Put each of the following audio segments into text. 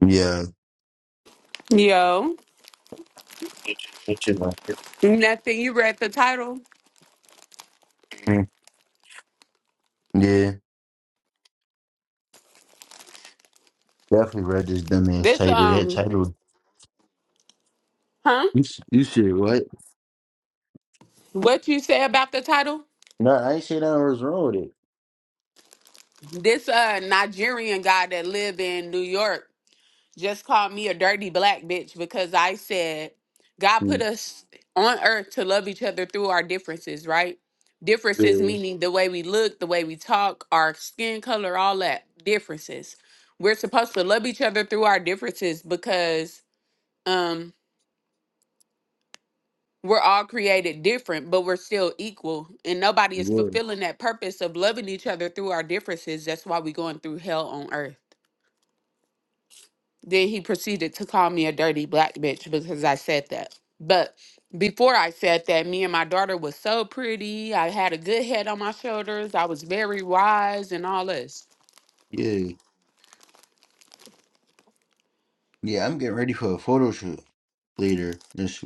Yeah. Yo, Mm, nothing. You read the title. Yeah. Definitely read this dumbass This title. That um, title. huh? You, s- you said what? What you say about the title? No, I ain't say nothing was wrong with it. This uh Nigerian guy that live in New York just called me a dirty black bitch because I said God put us on earth to love each other through our differences, right? Differences Mm, meaning the way we look, the way we talk, our skin color, all that differences. We're supposed to love each other through our differences because um We're all created different, but we're still equal. And nobody Yeah. is Yeah. fulfilling that purpose of loving each other through our differences. That's why we're going through hell on earth. Then he proceeded to call me a dirty black bitch because I said that. But before I said that, me and my daughter was so pretty. I had a good head on my shoulders. I was very wise and all this. Yeah. Yeah, I'm getting ready for a photo shoot later. This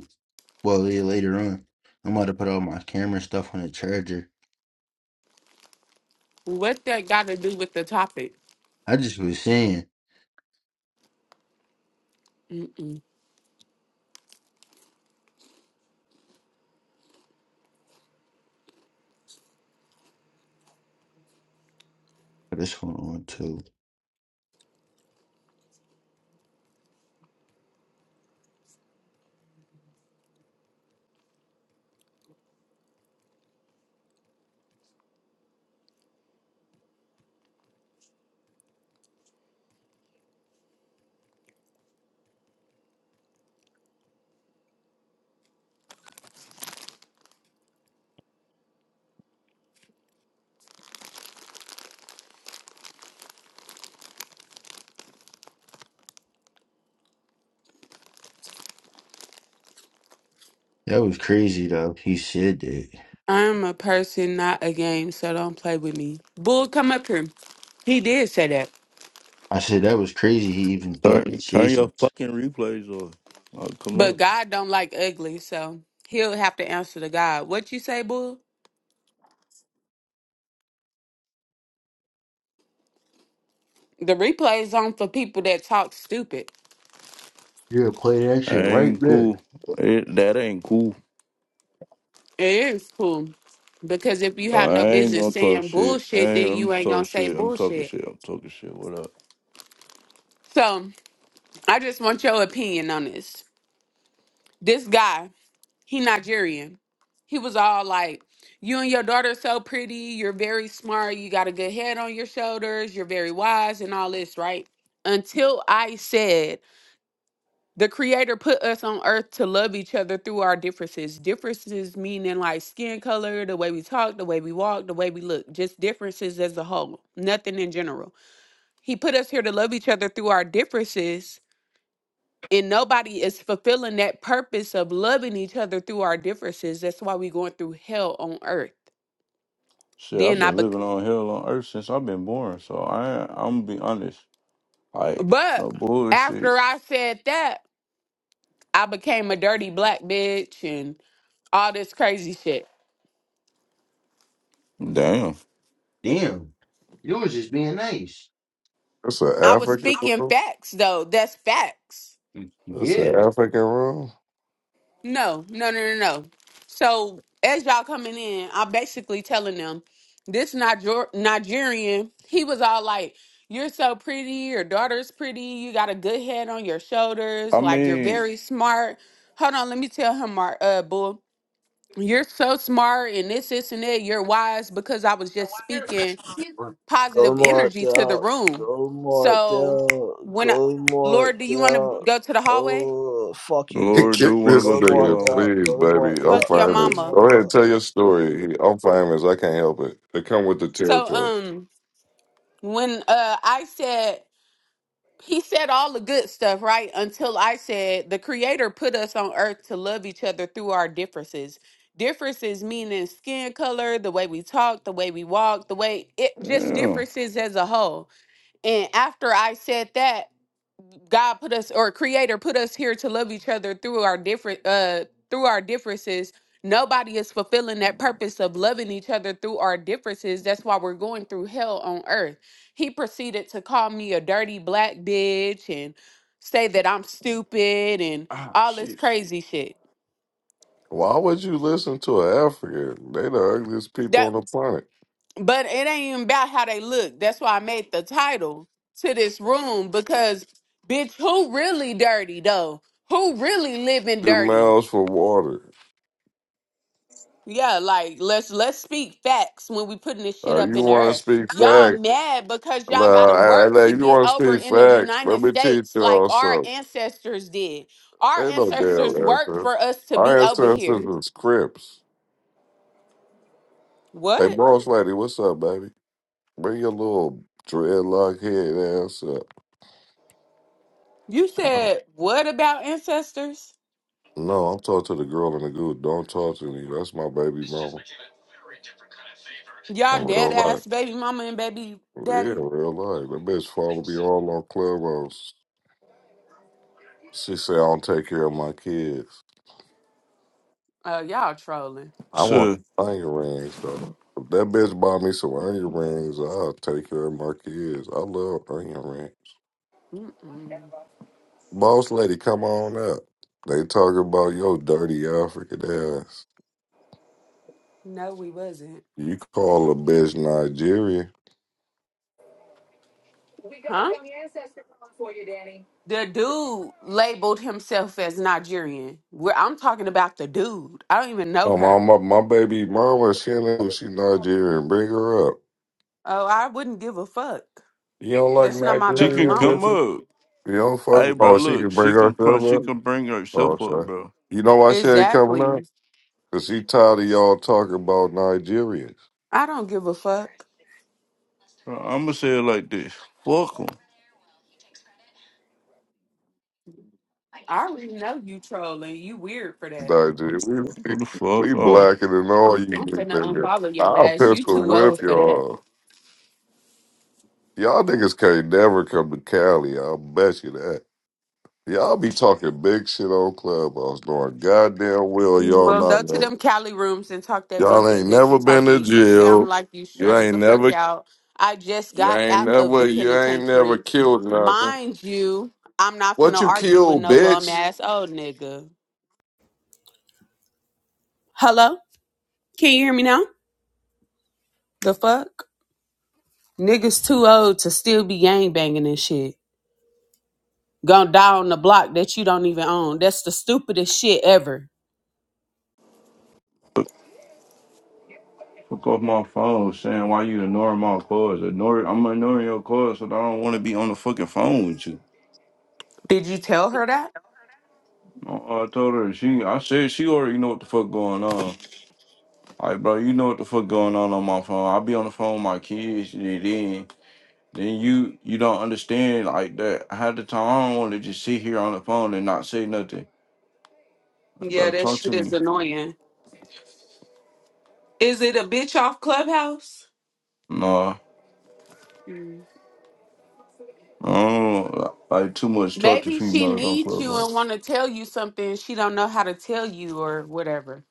well yeah, later on. I'm about to put all my camera stuff on the charger. What that got to do with the topic? I just was saying Mm-mm. oh, this one on too. That was crazy though. He said that. I'm a person, not a game, so don't play with me. Bull, come up here. He did say that. I said that was crazy. He even Turn thought that turn your Jason's. fucking replays off. I'll come But up. God don't like ugly, so he'll have to answer to God. What you say, boo? The replay is on for people that talk stupid. Yeah, play that I shit right ain't there. cool. It, that ain't cool. It is cool. Because if you have I no ain't business gonna talk saying shit. I bullshit, ain't, then I'm you ain't talking gonna say shit. I'm talking bullshit. shit. I'm talking shit. What up? So I just want your opinion on this. This guy, he Nigerian. He was all like, You and your daughter are so pretty, you're very smart, you got a good head on your shoulders, you're very wise and all this, right? Until I said the creator put us on earth to love each other through our differences differences meaning like skin color the way we talk the way we walk the way we look just differences as a whole nothing in general he put us here to love each other through our differences and nobody is fulfilling that purpose of loving each other through our differences that's why we going through hell on earth Shit, I've then i been bec- living on hell on earth since I've been born. So I, I'm gonna be honest. Like but no bullshit. after i said that i became a dirty black bitch and all this crazy shit Damn. Damn, you was just being nice. That's an I was African speaking room. facts though. That's facts. That's an Yeah. African room. No, no, no, no, no. So as y'all coming in, I'm basically telling them this Niger- Nigerian. He was all like, "You're so pretty. Your daughter's pretty. You got a good head on your shoulders. I Like you're mean, very smart." Hold on, let me tell him, Mar- uh, bull. You're so smart and this, this, and that. You're wise because I was just speaking You, Go positive energy to the Martell, room. go So Martell, when I, go Lord, do you want to Martell. go to the hallway? Oh, fuck you, Lord, bitch. do Kick want to this go Go to the nigga, Martell, hallway? please, go baby. I'm Martell, Fuck your go famous. mama. Go ahead Martell. and tell your story. I'm famous. I can't help it. It come with the So territory. um when uh I said he said all the good stuff, right? Until I said the creator put us on earth to love each other through our differences. Differences meaning skin color, the way we talk, the way we walk, the way it just Damn. differences as a whole. And after I said that, God put us or creator put us here to love each other through our different uh through our differences. Nobody is fulfilling that purpose of loving each other through our differences. That's why we're going through hell on earth. He proceeded to call me a dirty black bitch and say that I'm stupid and Ah, all this shit. crazy shit. Why would you listen to an African? They the ugliest people That on the planet. but it ain't even about how they look. That's why I made the title to this room because bitch, who really dirty though? Who really living Your dirty? mouths for water. Yeah, like let's let's speak facts when we putting this shit Uh, up you in the want air. to speak Y'all facts? mad because y'all Uh, gotta I, work I, to you get want to over speak in the facts? Let United me teach States like y'all our something. ancestors did. Our Ain't no ancestors damn worked African. for us to be Our over ancestors here. was Crips. Hey, What? boss lady, what's up, baby? Bring your little dreadlock head ass up. You I don't. said what about ancestors? No, I'm talking to the girl in the group. Don't talk to me. That's my baby mama in Y'all dead real life. ass baby mama and baby Yeah, daddy? real life. That bitch follow me all on Clubhouse. She say I don't take care of my kids. Uh y'all trolling. I want So onion rings though. If that bitch buy me some onion rings, I'll take care of my kids. I love onion rings. Mm-mm. Boss lady, come on up. They talking about your dirty African ass. No, we wasn't. You call a bitch Nigeria. Huh? The dude labeled himself as Nigerian. Where I'm talking about the dude. I don't even know Oh, my, her. my my baby mama, she ain't- like she Nigerian. Bring her up. Oh, I wouldn't give a fuck. You don't like That's not my she baby can Nigerian mama. come bitches? up. You don't fuck. Hey, with- bro, Oh, she can look, she bring can pr- herself she up. can bring Oh, herself up, sorry. bro. You know why she ain't coming up? Exactly. Cause she tired of y'all talking about Nigerians. I don't give a fuck. I'm gonna say it like this. Fuck 'em. I already know you trolling. You weird for that. Nigeria, we, What we the fuck? we Oh, blacker than all you I'm finna niggas. unfollow your I'll ass. You pistol too whip old for that. y'all. Y'all niggas can't never come to Cali. I'll bet you that. Y'all be talking big shit on Clubhouse, knowing goddamn well y'all Well, go to not. them Cali rooms and talk that big Y'all shit ain't that never you been to talking. You sound jail. like you You stressed ain't the fuck never, out. I just you got ain't out of never, the you ain't never penitentiary. killed nothing. Mind you, I'm not What finna you argue with killed, no bum bitch? ass old nigga. Hello? Can you hear me now? The fuck? Niggas too old to still be gang banging and shit. Gonna die on the block that you don't even own. That's the stupidest shit ever. fuck off my phone saying why you ignoring my calls. Ignore, I'm ignoring your calls so that I don't want to be on the fucking phone with you. Did you tell her that? I I told her she. I said she already know what the fuck going on. Like, bro, you know what the fuck going on on my phone. I be on the phone with my kids, and then then you you don't understand like that. I had the time. I don't want to just sit here on the phone and not say nothing. Like, Yeah, bro, that talk to shit is me. annoying. Is it a bitch off clubhouse? Nah, I don't like too much talk to Maybe she females on needs Clubhouse. you and want to tell you something she don't know how to tell you or whatever.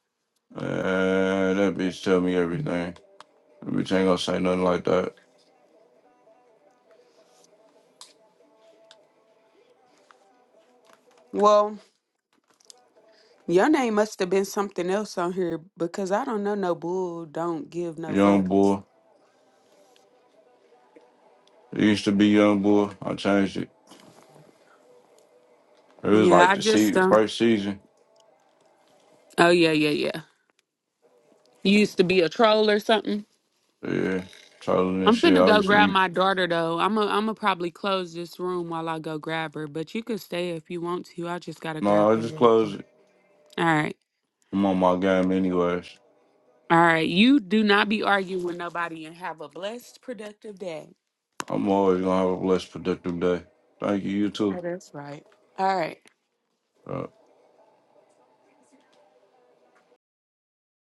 Man, that bitch tell me everything. That bitch ain't gonna say nothing like that. Well, your name must have been something else on here because I don't know no bull. Don't give no Young fucks. boy. It used to be young boy. I changed it. It was Yeah, like I the just se- don't. first season. Oh yeah, yeah, yeah. You used to be a troll or something. Yeah. Trolling and I'm shit. finna I go used to grab be my daughter though. I'm i I'm gonna probably close this room while I go grab her. But you could stay if you want to. I just gotta no, grab I her just real quick. closed it. All right, I'm on my game anyways. all right. You do not be arguing with nobody and have a blessed, productive day. I'm always gonna have a blessed productive day. Thank you, you too. That is right. All right. Uh,